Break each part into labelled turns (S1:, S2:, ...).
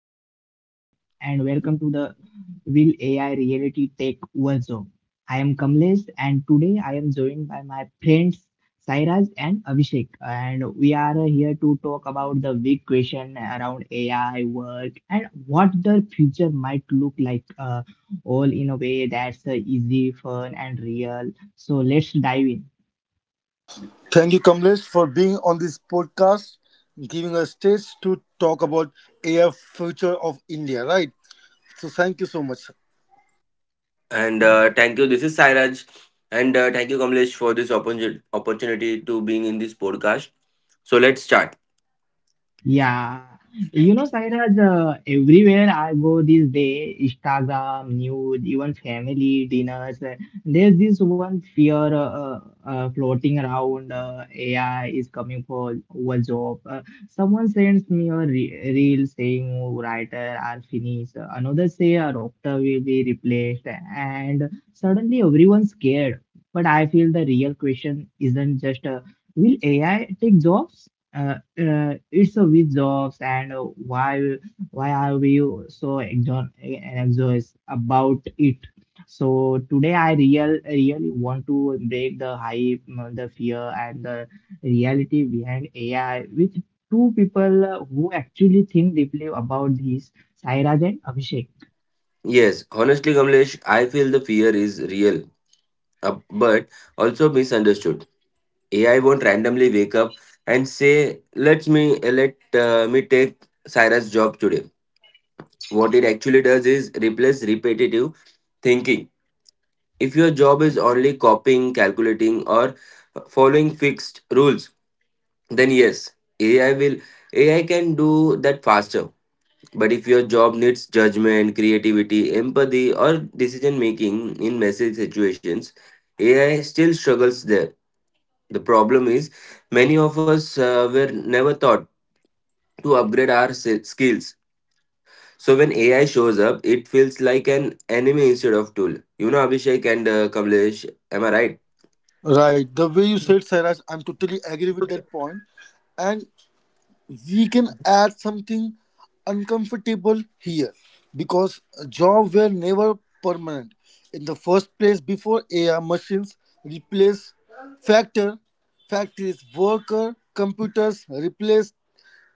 S1: Hello everyone and welcome to the Will AI Reality Tech Workshop. I am Kamlesh and today I am joined by my friends Sairaj and Abhishek, and we are here to talk about the big question around AI work and what the future might look like, all in a way that's easy, fun and real. So let's dive in.
S2: Thank you, Kamlesh, for being on this podcast, giving us stage to talk about AI future of India, right? So thank you so much.
S3: And
S1: Yeah.
S3: thank you. This is Sairaj. And thank you, Kamlesh, for this opportunity to being in this podcast. So let's start.
S1: Yeah, you know, Sairaj, everywhere I go these days, Instagram, news, even family dinners, there's this one fear floating around. AI is coming for our job. Someone sends me a re reel saying, "Oh, writer are finished, another say a doctor will be replaced," and suddenly everyone's scared. But I feel the real question isn't just, will AI take jobs? It's a with jobs, and why are we so anxious about it. So today I really want to break the hype, the fear and the reality behind AI with two people who actually think deeply about this, Sairaj and Abhishek.
S3: Yes, honestly, Kamlesh, I feel the fear is real, but also misunderstood. AI won't randomly wake up and say, "Let me let me take Cyrus' job today." What it actually does is replace repetitive thinking. If your job is only copying, calculating, or following fixed rules, then yes, ai will AI can do that faster. But if your job needs judgment, creativity, empathy, or decision making in messy situations, AI still struggles there. The problem is, many of us were never taught to upgrade our skills, so when AI shows up it feels like an enemy instead of tool. You know, Abhishek and Kamlesh, am I right?
S2: Right, the way you said, Saraj, I'm totally agree with that point. And we can add something uncomfortable here because jobs were never permanent. In the first place, before AI machines replace factor factories, worker computers replace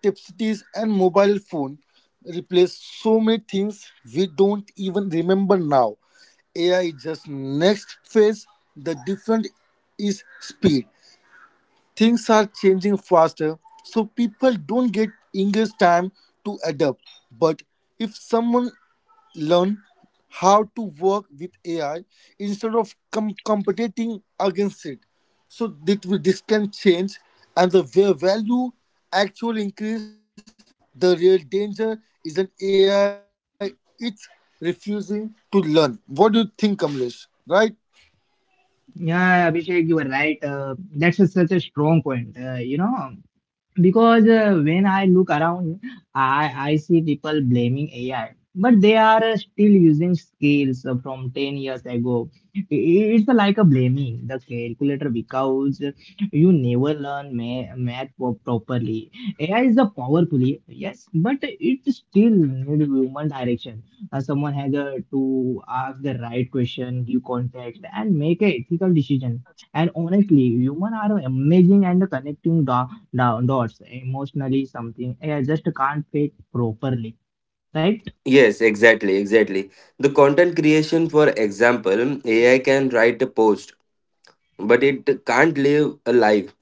S2: tipsities and mobile phone replace so many things we don't even remember now. AI is just next phase. The different is speed. Things are changing faster, so people don't get enough time to adapt. But if someone learn how to work with AI instead of competing against it, so that this can change and the value actually increase. The real danger is an AI it's refusing to learn. What do you think, Kamlesh? Right?
S1: Yeah, Abhishek, you were right. That's such a strong point. You know, because when I look around, I see people blaming AI, but they are still using scales from 10 years ago. It's like a blaming the calculator because you never learn math properly. AI is a powerful, yes, but it still need human direction. Someone has to ask the right question, give context and make a ethical decision. And honestly, humans are amazing and connecting dots, down dots emotionally, something. Yeah, I just can't fit properly, right?
S3: Yes, exactly. The content creation, for example, AI can write a post, but it can't live a life.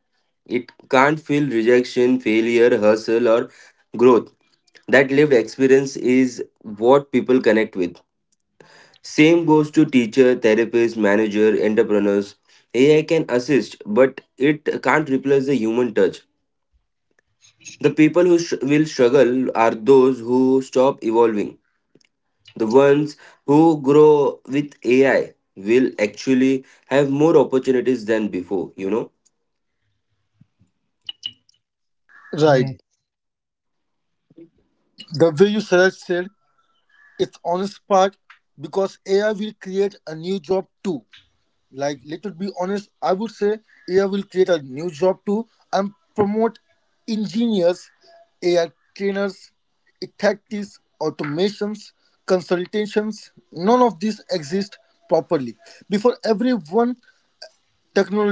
S3: It can't feel rejection, failure, hustle, or growth. That lived experience is what people connect with. Same goes to teacher, therapist, manager, entrepreneurs. AI can assist, but it can't replace the human touch. The people who will struggle are those who stop evolving. The ones who grow with AI will actually have more opportunities than before, you know.
S1: Yes.
S2: Right. The way you said, it's honest part because AI will create a new job too. Like let it be honest, I would say AI will create a new job too and promote engineers, AI trainers, tactics, automations, consultations. None of these exist properly. Before everyone technologies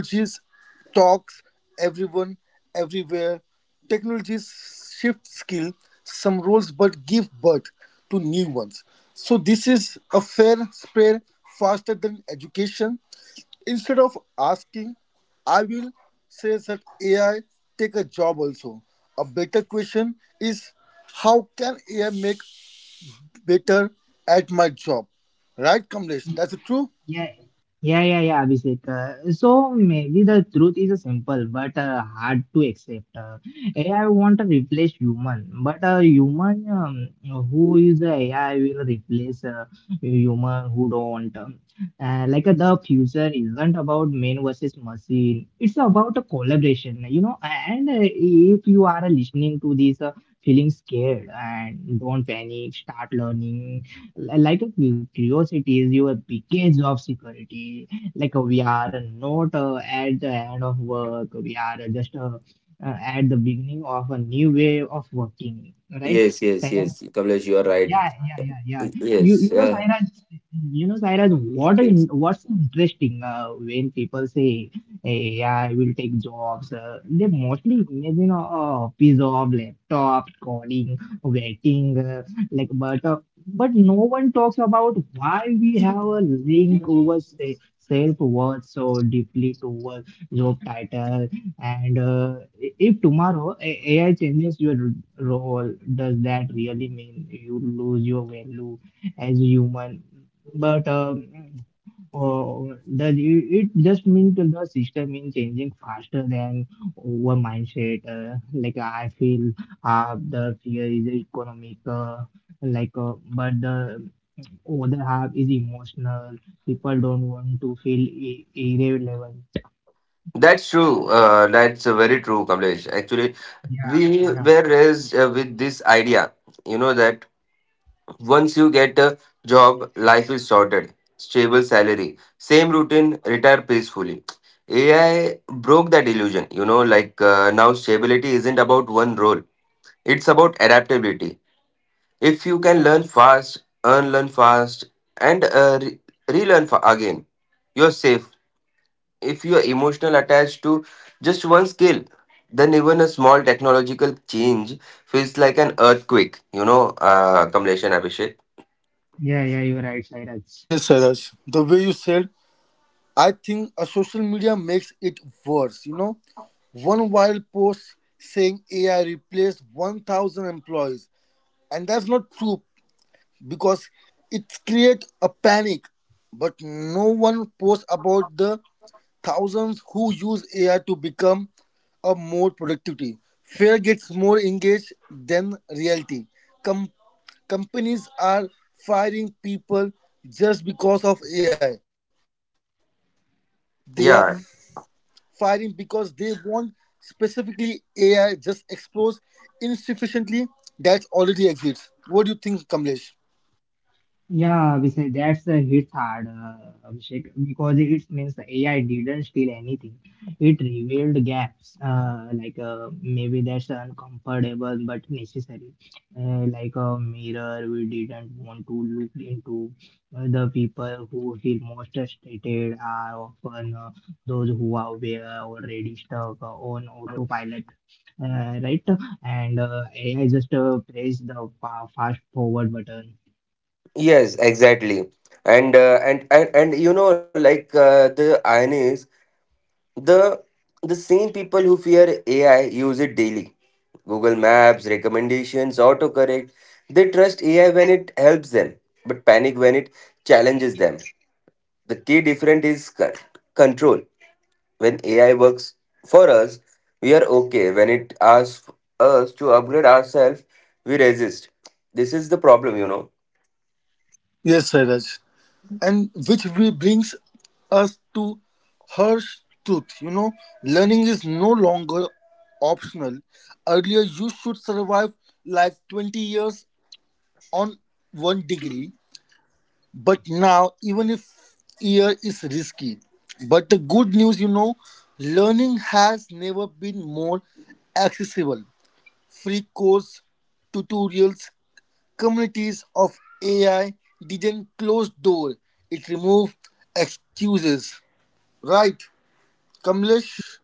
S2: talks everyone, everywhere. Technologies shift skill, some roles but give birth to new ones. So this is a fair spread faster than education. Instead of asking, I will say that AI take a job also. A better question is how can AI make better at my job? Right, Kamlesh? That's
S1: Yeah,
S2: true.
S1: yeah, Abhishek. So maybe the truth is a simple but hard to accept. AI won't replace human, but a human who is a AI will replace a human who don't. Like the future isn't about man versus machine. It's about a collaboration, you know. And if you are listening to this, feeling scared and don't panic, start learning, like a curiosity is your biggest of security. Like we are not at the end of work. We are just at the beginning of a new way of working, right?
S3: Yes, yes, yes, Kamlesh, you are right.
S1: Yeah. You
S3: Yes,
S1: you know,
S3: yeah,
S1: Sairaj, you know, Sairaj,
S3: yes.
S1: what's interesting when people say, "Hey, AI will take jobs," they mostly imagine a piece of laptop, calling, waiting, like but no one talks about why we have a link over self worth so deeply to a job title. And if tomorrow AI changes your role, does that really mean you lose your value as a human? But Or does it just mean that the system is changing faster than our mindset? Like I feel half the fear is economic, like but the other half is emotional. People don't want to feel irrelevant.
S3: That's true. That's very true, Kamlesh. Actually, we
S1: Yeah.
S3: were raised with this idea, you know, that once you get a job, life is sorted, stable salary, same routine, retire peacefully. AI broke that illusion, you know, like now stability isn't about one role, it's about adaptability. If you can learn fast, unlearn fast, and relearn again, you're safe. If you're emotional attached to just one skill, then even a small technological change feels like an earthquake. You know, Kamlesh and Abhishek.
S1: Yeah, yeah, you're right, Sairaj.
S2: Yes, Saraj. The way you said, I think a social media makes it worse. You know, one viral post saying AI replaced 1,000 employees, and that's not true because it creates a panic. But no one posts about the thousands who use AI to become a more productivity. Fear gets more engaged than reality. Com- Companies are firing people just because of AI. They are firing because
S3: Yeah.
S2: they want specifically AI just explores insufficiently that already exists. What do you think, Kamlesh?
S1: Yeah, Abhishek, that's the hit hard, Abhishek, because it means the AI didn't steal anything. It revealed gaps. Like maybe that's uncomfortable but necessary, like a mirror we didn't want to look into. The people who feel most frustrated are often those who are aware already stuck on autopilot, right? And AI just press the fast forward button.
S3: Yes, exactly. And you know, like the irony is the the same people who fear AI use it daily: Google Maps recommendations, autocorrect. They trust AI when it helps them, but panic when it challenges them. The key difference is control. When AI works for us, we are okay. When it asks us to upgrade ourselves, we resist. This is the problem, you know.
S2: Yes, Sairaj. And which we brings us to harsh truth, you know. Learning is no longer optional. Earlier you should survive like 20 years on one degree, but now even if year is risky. But the good news, you know, learning has never been more accessible: free course, tutorials, communities of AI didn't close door, it removed excuses. Right, Kamlesh?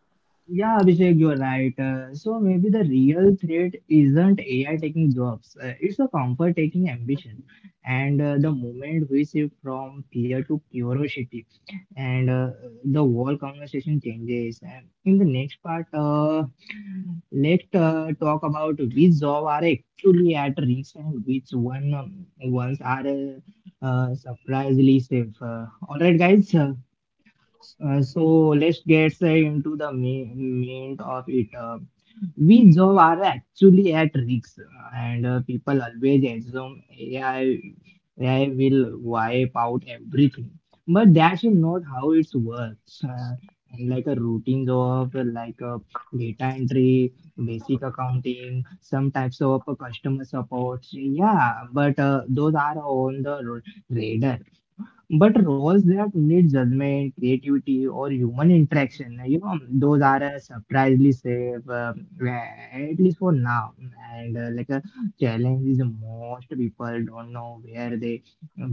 S1: Yeah, Abhishek, you're right. So maybe the real threat isn't AI taking jobs. It's a comfort taking ambition. And the moment we shift from fear to curiosity, and the whole conversation changes. And in the next part, let's talk about which job are actually at risk and which ones are surprisingly safe. All right, guys. So let's get into the main of it. We job are actually at risk, and people always assume AI will wipe out everything, but that's not how it works. Like a routine job, like a data entry, basic accounting, some types of customer support. Yeah, but those are on the radar. But roles that need judgment, creativity, or human interaction, like, you know, those are surprisingly safe, at least for now. And like a challenge is most people don't know where they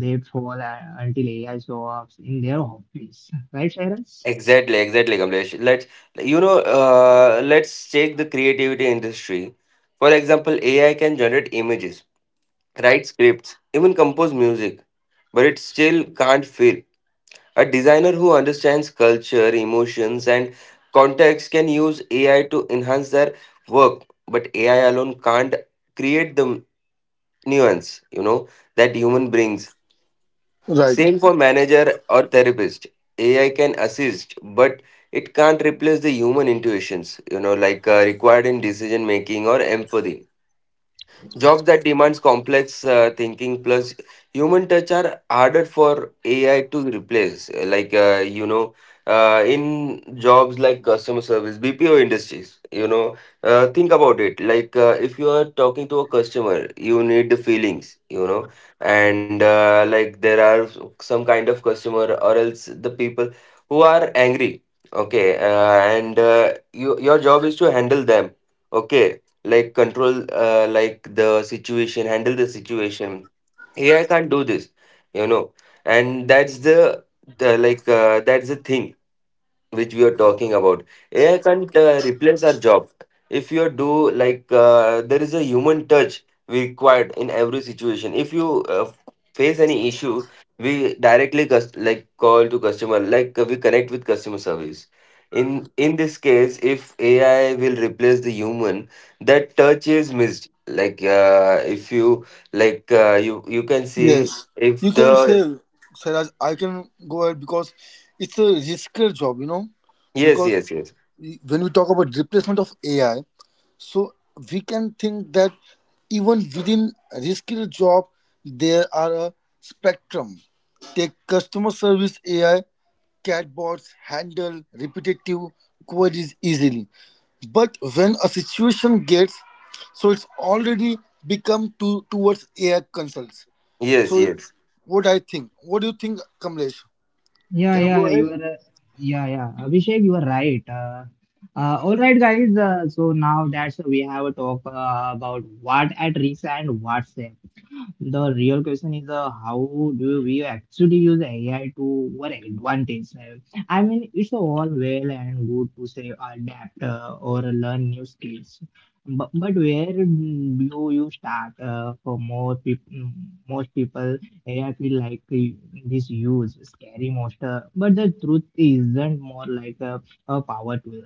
S1: they fall until AI shows up in their office, right, Cyrus?
S3: Exactly, Kamlesh. Let's take the creativity industry. For example, AI can generate images, write scripts, even compose music, but it still can't feel. A designer who understands culture, emotions, and context can use AI to enhance their work, but AI alone can't create the nuance, you know, that human brings.
S2: Right.
S3: Same for manager or therapist. AI can assist, but it can't replace the human intuitions, you know, like required in decision making or empathy. Jobs that demands complex thinking plus human touch are harder for AI to replace. Like you know, in jobs like customer service, BPO industries, you know, think about it. Like if you are talking to a customer, you need the feelings, you know, and like there are some kind of customer or else the people who are angry. Okay, and you, your job is to handle them. Okay, like control like the situation handle the situation. AI can't do this, you know. And that's the thing which we are talking about. AI can't replace our job. If you do, like there is a human touch required in every situation. If you face any issue, we directly like call to customer, like we connect with customer service. In in this case, if AI will replace the human, that touch is missed. Like if you, like you you can see
S2: Yes. You
S3: if the
S2: can say, Saraj, I can go ahead because it's a riskier job, you know.
S3: yes,
S2: Because
S3: yes, yes,
S2: when we talk about replacement of AI, so we can think that even within a skilled job, there are a spectrum. Take customer service AI, chatbots handle repetitive queries easily. But when a situation gets, so it's already become to towards AI consults.
S3: yes,
S2: So it's
S3: yes.
S2: what I think. What do you think, Kamlesh?
S1: Yeah,
S2: Can you go
S1: yeah, you
S2: ahead?
S1: are. Yeah, yeah, Abhishek, you are right. All right, guys. So now that's we have a talk about what at risk and what's safe. The real question is, how do we actually use AI to our advantage? I mean, it's all well and good to say adapt or learn new skills, but where do you start? Most people, AI feel like this use scary monster, but the truth isn't more like a power tool.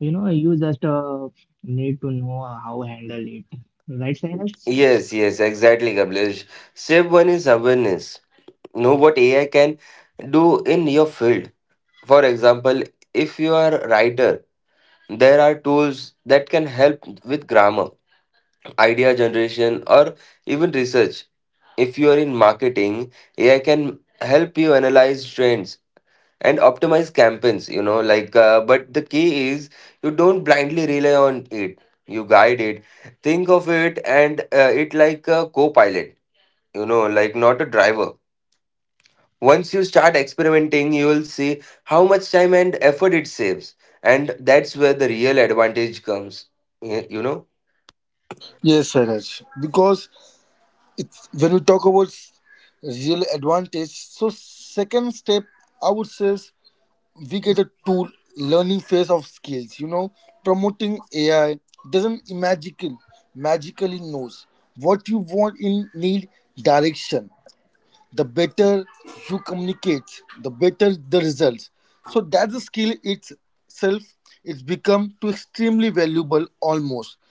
S1: You know, you just need to know how handle it, right, Cyrus?
S3: Yes, yes, exactly, Kamlesh. Step one is awareness. Know what AI can do in your field. For example, if you are a writer, there are tools that can help with grammar, idea generation, or even research. If you are in marketing, AI can help you analyze trends and optimize campaigns, you know, like, but the key is, you don't blindly rely on it, you guide it. Think of it like a co pilot, you know, like not a driver. Once you start experimenting, you will see how much time and effort it saves. And that's where the real advantage comes, y- you know?
S2: Yes, Sairaj. Because it's when we talk about real advantage, so second step I would say is we get a tool learning phase of skills, you know, promoting AI. Doesn't magically knows what you want in need direction. The better you communicate, the better the results. So that's a skill itself. It's become to extremely valuable, almost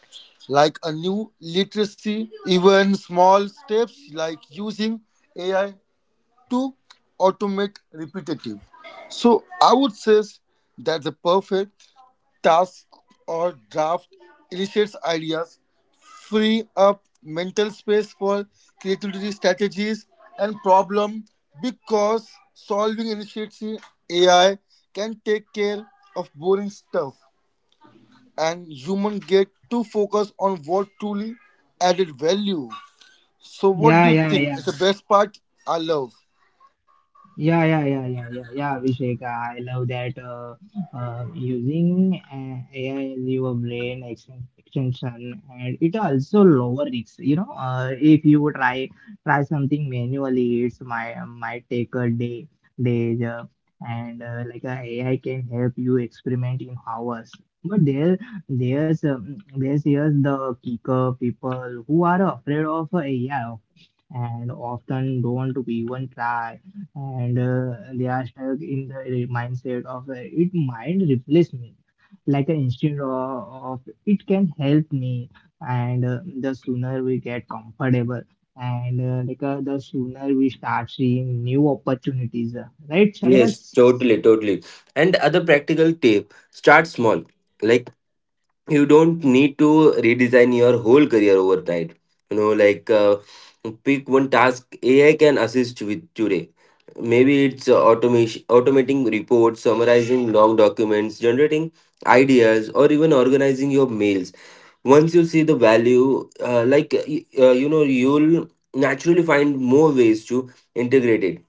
S2: like a new literacy. Even small steps like using AI to automate repetitive, so I would say that the perfect task or draft illustrates ideas, free up mental space for creativity strategies and problem, because solving initiates in AI can take care of boring stuff and human get to focus on what truly added value. So what
S1: Yeah,
S2: do you
S1: yeah,
S2: think
S1: yeah.
S2: is the best part? I love.
S1: Yeah, Abhishek. I love that, using AI as your brain extension, and it also lower risks. You know, if you try something manually, it's might take a day days, and like AI can help you experiment in hours. But there, there's Here's the kicker: people who are afraid of AI and often don't even try, and they are stuck in the mindset of, it might replace me, like an instinct of it can help me. And the sooner we get comfortable, and like the sooner we start seeing new opportunities, right,
S3: Yes,
S1: Cyrus?
S3: totally, totally. And other practical tip, start small. Like, you don't need to redesign your whole career overnight. You know, like, pick one task AI can assist with today. Maybe it's automating reports, summarizing long documents, generating ideas, or even organizing your mails. Once you see the value, you know, you'll naturally find more ways to integrate it.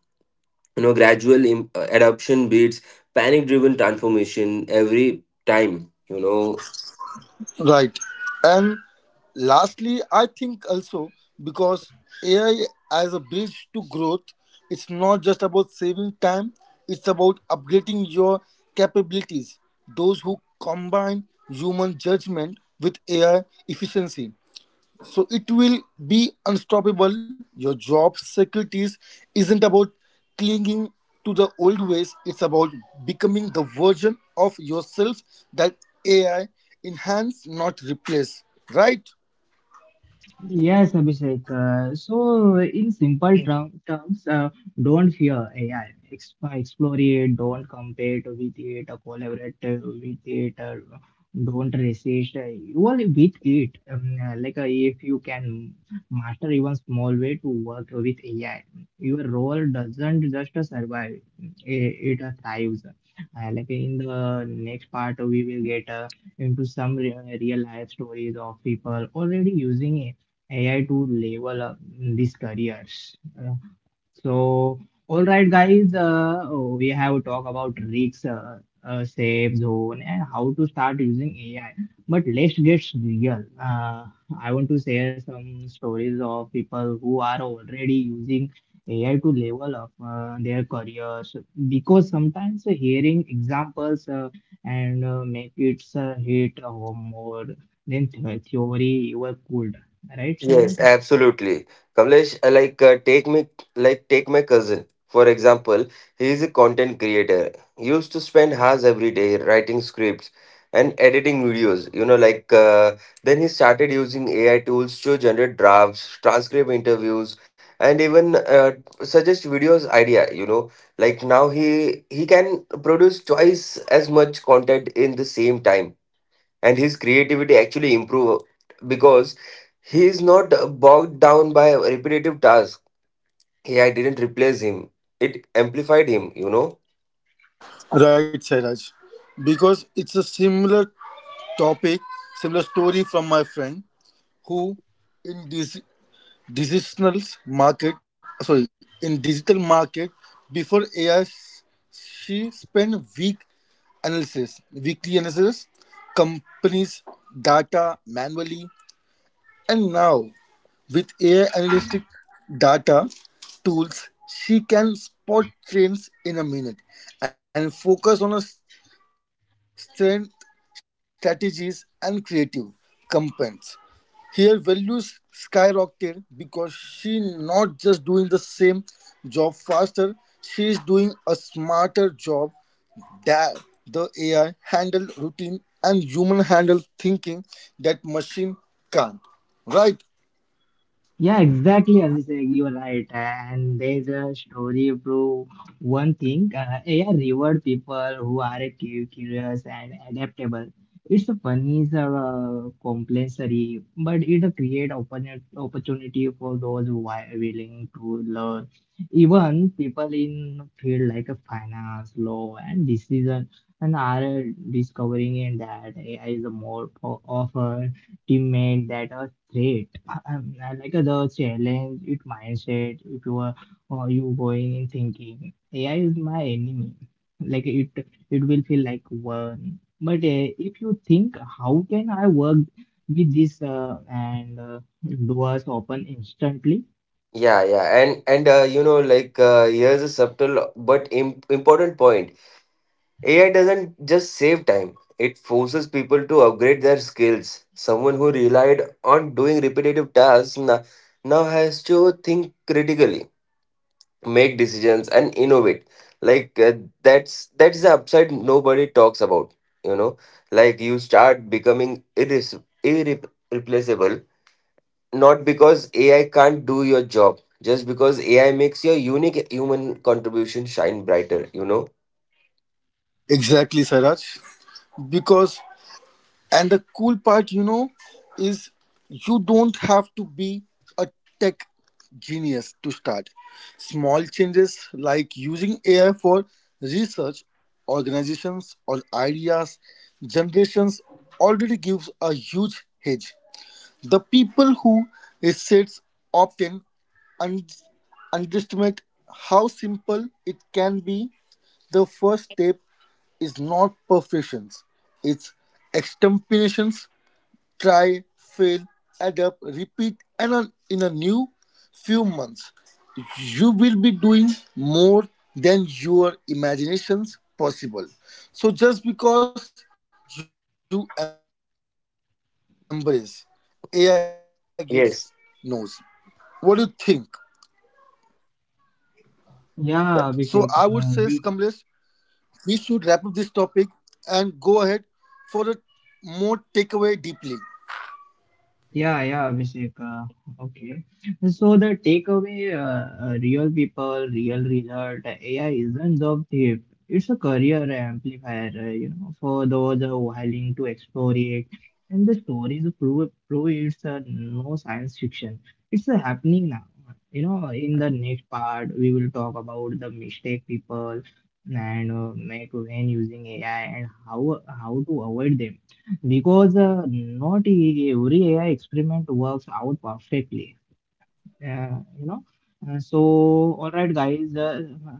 S3: You know, gradual adoption beats panic-driven transformation every time. You know,
S2: Right. And lastly, I think also because AI as a bridge to growth, it's not just about saving time, it's about upgrading your capabilities. Those who combine human judgment with AI efficiency, so it will be unstoppable. Your job security isn't about clinging to the old ways, it's about becoming the version of yourself that AI enhance, not replace. Right?
S1: Yes, Abhishek. So, in simple terms, don't fear AI. Ex Explore it. Don't compete with it. Collaborate with it. Don't resist. You will with it. Like if you can master even small way to work with AI, your role doesn't just survive. It thrives. Like in the next part, we will get into some re real life stories of people already using it AI to level up these careers. So, all right, guys, we have talked about risks, safe zone, and how to start using AI. But let's get real. I want to share some stories of people who are already using AI to level up their careers, because sometimes hearing examples, and make it hit home more than the theory you could. Right,
S3: yes,
S1: Cyrus?
S3: absolutely. Kamlesh, like take me like take my cousin for example. He is a content creator. He used to spend hours every day writing scripts and editing videos. You know, like then he started using AI tools to generate drafts, transcribe interviews, and even suggest videos idea. You know, like now he can produce twice as much content in the same time and his creativity actually improved because he is not bogged down by repetitive tasks. AI didn't replace him; it amplified him. You know.
S2: Right, Sairaj. Because it's a similar topic, similar story from my friend who in this digital market, sorry, in digital market, before AI, she spent week analysis, weekly analysis companies data manually, and now with AI analytic data tools, she can spot trends in a minute and focus on her strength strategies and creative campaigns. Here values skyrocketed because she not just doing the same job faster, she is doing a smarter job. That the AI handle routine and human handle thinking that machine can't. Right?
S1: Yeah, exactly, Abhishek, you are right. And there's a story prove one thing. AI reward people who are curious and adaptable. It's a funny, it's compulsory, but it create opportunity for those who are willing to learn. Even people in field like a finance, law, and decision, and are discovering in that AI is a more of a teammate that Great. I like the challenge, it mindset, if you are or you going in thinking AI is my enemy. Like it will feel like one. But if you think how can I work with this, and doors open instantly?
S3: Yeah, yeah, and You know, like here's a subtle but im important point. AI doesn't just save time; it forces people to upgrade their skills. Someone who relied on doing repetitive tasks now has to think critically, make decisions, and innovate. Like that's the upside nobody talks about, you know, like you start becoming irreplaceable, not because AI can't do your job, just because AI makes your unique human contribution shine brighter, you know.
S2: Exactly, Saraj. Because, and the cool part, you know, is you don't have to be a tech genius to start. Small changes like using AI for research, organizations or ideas, generations already gives a huge hedge. The people who research often un- underestimate how simple it can be. The first step is not perfections, it's extemporations: try, fail, adapt, repeat, and in a new few months, you will be doing more than your imaginations possible. So just because you embrace, AI gets knows. What do you think?
S3: Yes.
S2: So I would say, Kamlesh,
S1: Yeah,
S2: we
S1: Abhishek.
S2: should wrap up
S1: Uh,
S2: this topic and go ahead for a more takeaway deeply.
S1: Yeah, yeah, Abhishek. Okay. So the takeaway, real people, real result, AI isn't job thief. It's a career amplifier, you know, for those who are willing to explore it. And the stories prove it's no science fiction. It's happening now. You know, in the next part, we will talk about the mistake people and make when using AI and how to avoid them, because not every AI experiment works out perfectly. You know. So, all right, guys.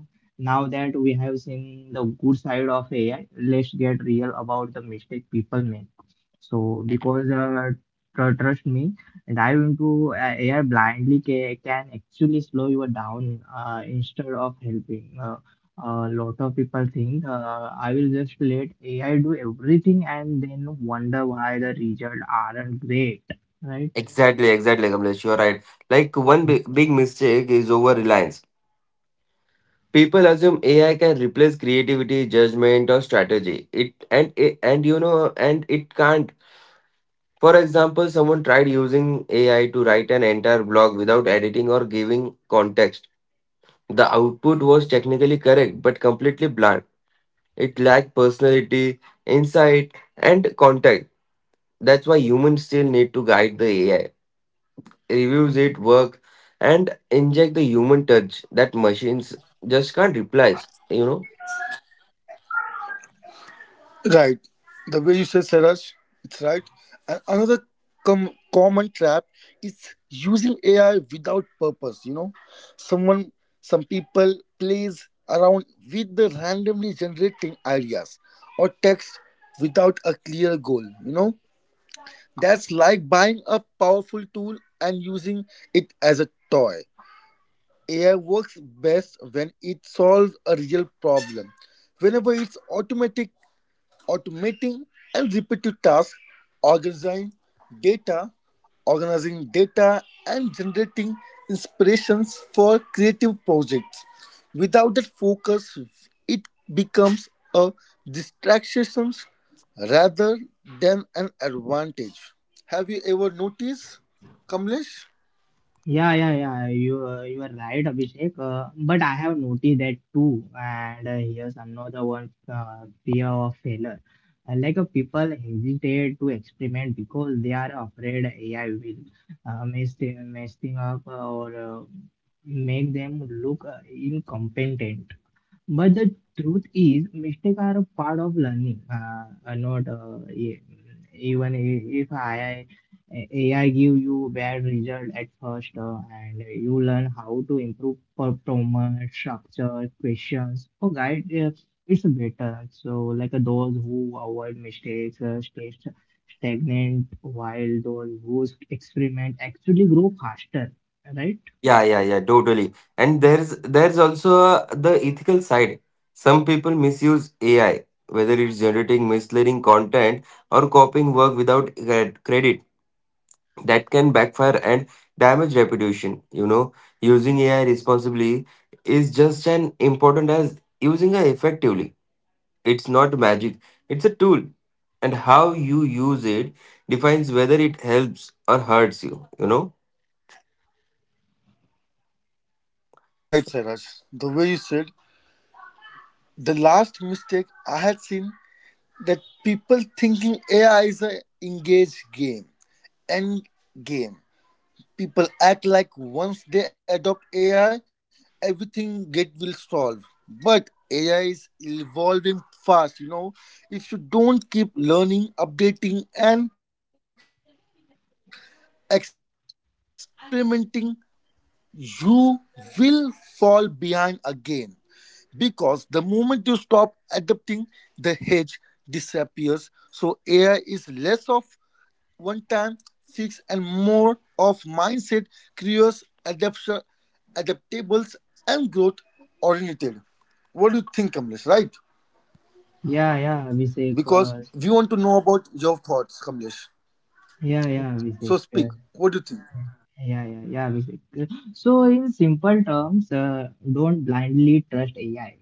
S1: Now that we have seen the good side of AI, let's get real about the mistake people make. So because trust me, dive into AI blindly can actually slow you down instead of helping. A lot of people think, I will just let AI do everything, and then wonder why the results aren't great, right?
S3: Exactly, Kamlesh. You're right. Like one big mistake is over reliance. People assume AI can replace creativity, judgment, or strategy. It and it- and you know and it can't. For example, someone tried using AI to write an entire blog without editing or giving context. The output was technically correct but completely bland. It lacked personality, insight, and context. That's why humans still need to guide the AI, reviews it, work, and inject the human touch that machines just can't replace. You know.
S2: Right. The way you say, Saraj, it's right. And another common trap is using AI without purpose, you know. Someone, some people plays around with the randomly generating ideas or text without a clear goal, you know. That's like buying a powerful tool and using it as a toy. AI works best when it solves a real problem. Whenever it's automatic automating and repetitive tasks, organizing data, organizing data, and generating inspirations for creative projects. Without that focus, it becomes a distraction rather than an advantage. Have you ever noticed, Kamlesh?
S1: Yeah, yeah, yeah. You are right, Abhishek. But I have noticed that too. And here's another one: fear of failure. Like people hesitate to experiment because they are afraid AI will mess thing up, or make them look incompetent. But the truth is, mistakes are a part of learning. Not e- even I- if AI give you bad result at first, and you learn how to improve performance, structure, questions, or guide. It's better. So, like those who avoid mistakes stay stagnant, while those who experiment actually grow faster. Right?
S3: Yeah, yeah, yeah, totally. And there's also the ethical side. Some people misuse AI, whether it's generating misleading content or copying work without credit. That can backfire and damage reputation. You know, using AI responsibly is just as important as using it effectively. It's not magic. It's a tool, and how you use it defines whether it helps or hurts you. You know.
S2: Right, Saraj. The way you said, the last mistake I had seen that people thinking AI is a engaged game. End game. People act like once they adopt AI, everything get will solve. But AI is evolving fast, you know. If you don't keep learning, updating and experimenting, you will fall behind again. Because the moment you stop adapting, the hedge disappears. So AI is less of one time six and more of mindset curious adaptation adaptables and growth oriented. What do you think, Kamlesh? Right?
S1: Yeah, Abhishek. Uh,
S2: Because we want to know about your thoughts,
S1: yeah,
S2: Kamlesh.
S1: yeah, Abhishek.
S2: So speak.
S1: Yeah, yeah,
S2: What do you
S1: yeah.
S2: think?
S1: Abhishek. So, in simple terms, don't blindly trust AI.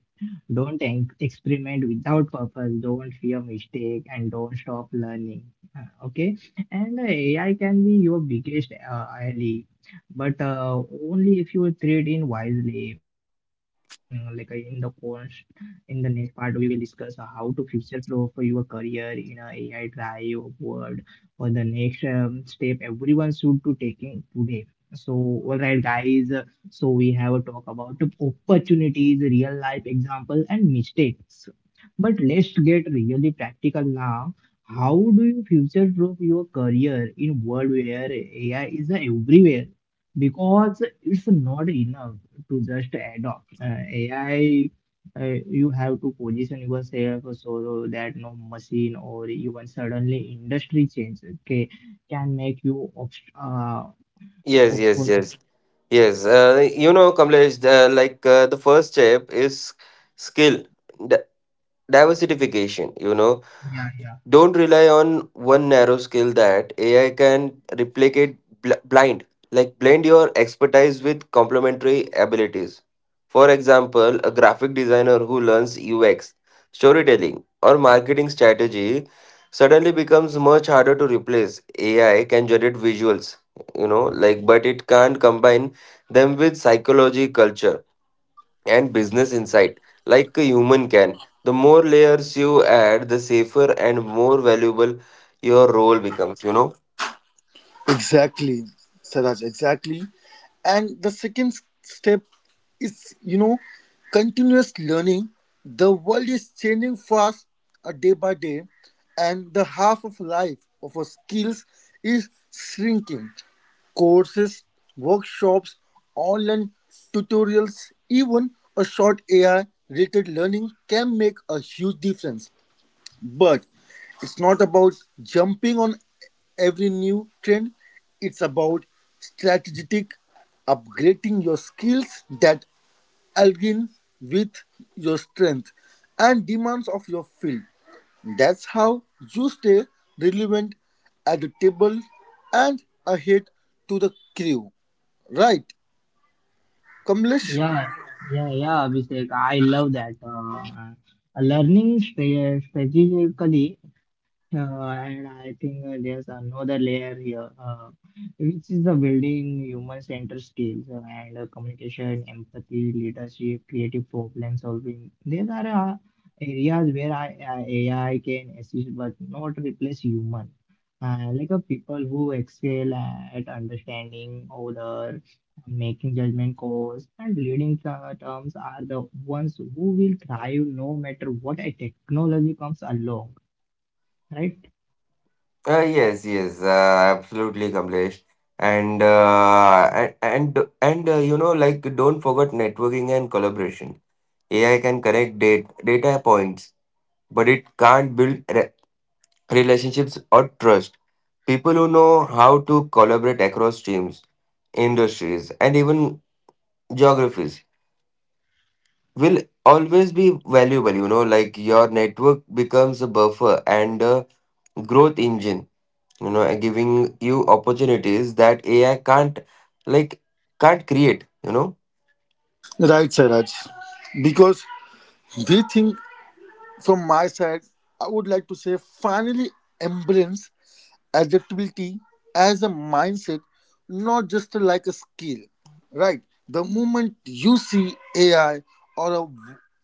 S1: Don't experiment without purpose. Don't fear mistake, and don't stop learning. Okay, and AI can be your biggest ally, but only if you treat in wisely. Like in the next part, we will discuss how to future-proof your career in a AI drive world for the next step everyone should to taking today. So, all right, guys. So we have a talk about opportunities, real life example, and mistakes. But let's get really practical now. How do you future proof your career in world where AI is everywhere? Because it's not enough to just adopt AI. uh, you have to position yourself so that no machine or even suddenly industry change, okay, can make you
S3: Yes, yes,
S1: obsolete.
S3: yes. Yes, you know, Kamlesh, like the first step is skill di- diversification. You know,
S1: yeah yeah
S3: don't rely on one narrow skill that AI can replicate blind. Like blend your expertise with complementary abilities. For example, a graphic designer who learns UX, storytelling, or marketing strategy suddenly becomes much harder to replace. AI can generate visuals, you know, like but it can't combine them with psychology, culture and business insight like a human can. The more layers you add, the safer and more valuable your role becomes, you know.
S2: Exactly, Saraj, exactly. And the second step is, you know, continuous learning. The world is changing fast day by day, and the half of life of our skills is shrinking. Courses, workshops, online tutorials, even a short AI rated learning can make a huge difference. But it's not about jumping on every new trend, it's about strategic upgrading your skills that align with your strength and demands of your field. That's how you stay relevant at the table and ahead to the crew. Right, Kamlesh?
S1: yeah yeah yeah Abhishek, I love that, learning strategically. And I think there's another layer here, which is the building human-centered skills, and communication, empathy, leadership, creative problem-solving. These are areas where AI, AI can assist but not replace human. Like people who excel at understanding order, making judgment calls, and leading terms are the ones who will thrive no matter what a technology comes along, right?
S3: Yes, yes, absolutely, Kamlesh. And you know, like don't forget networking and collaboration. AI can connect data points, but it can't build re relationships or trust. People who know how to collaborate across teams, industries, and even geographies will always be valuable. You know, like your network becomes a buffer and a growth engine, you know, and giving you opportunities that AI like can't create, you know.
S2: Right, Saraj. Because we think, from my side, I would like to say finally embrace adaptability as a mindset, not just like a skill. Right? The moment you see AI or a,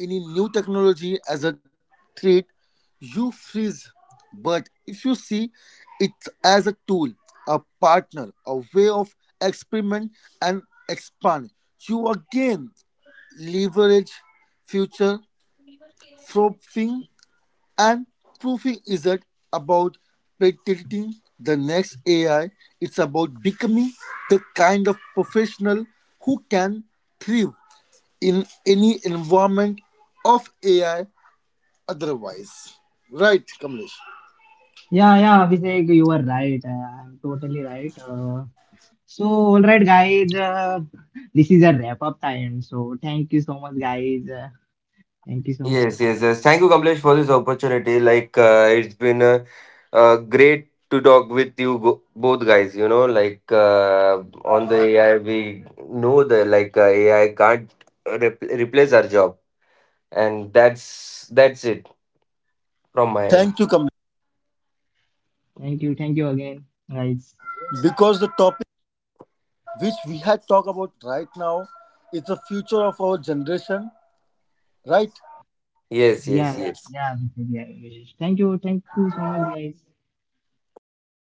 S2: any new technology as a threat, you freeze. But if you see it as a tool, a partner, a way of experiment and expand, you again leverage future proofing. And proofing isn't about predicting the next AI, it's about becoming the kind of professional who can thrive in any environment of AI otherwise. Right, Kamlesh.
S1: Yeah, yeah, Vivek, you are right. I'm totally right. So, all right, guys, this is a wrap up time. So, thank you so much, guys. Thank you so much.
S3: Yes, yes, yes, thank you, Kamlesh, for this opportunity. Like it's been great to talk with you, both guys, you know, like on the AI. We know that like AI can't replace our job, and that's it from my end.
S2: Thank you, Kamlesh.
S1: Thank you again, guys.
S2: Because the topic which we had talked about right now is the future of our generation, right?
S3: Yes,
S1: Yeah,
S3: yes,
S1: yeah,
S3: yes.
S1: yeah, Vivek, yeah. Vivek. Thank you so much, guys.
S3: Thank you. Thank you.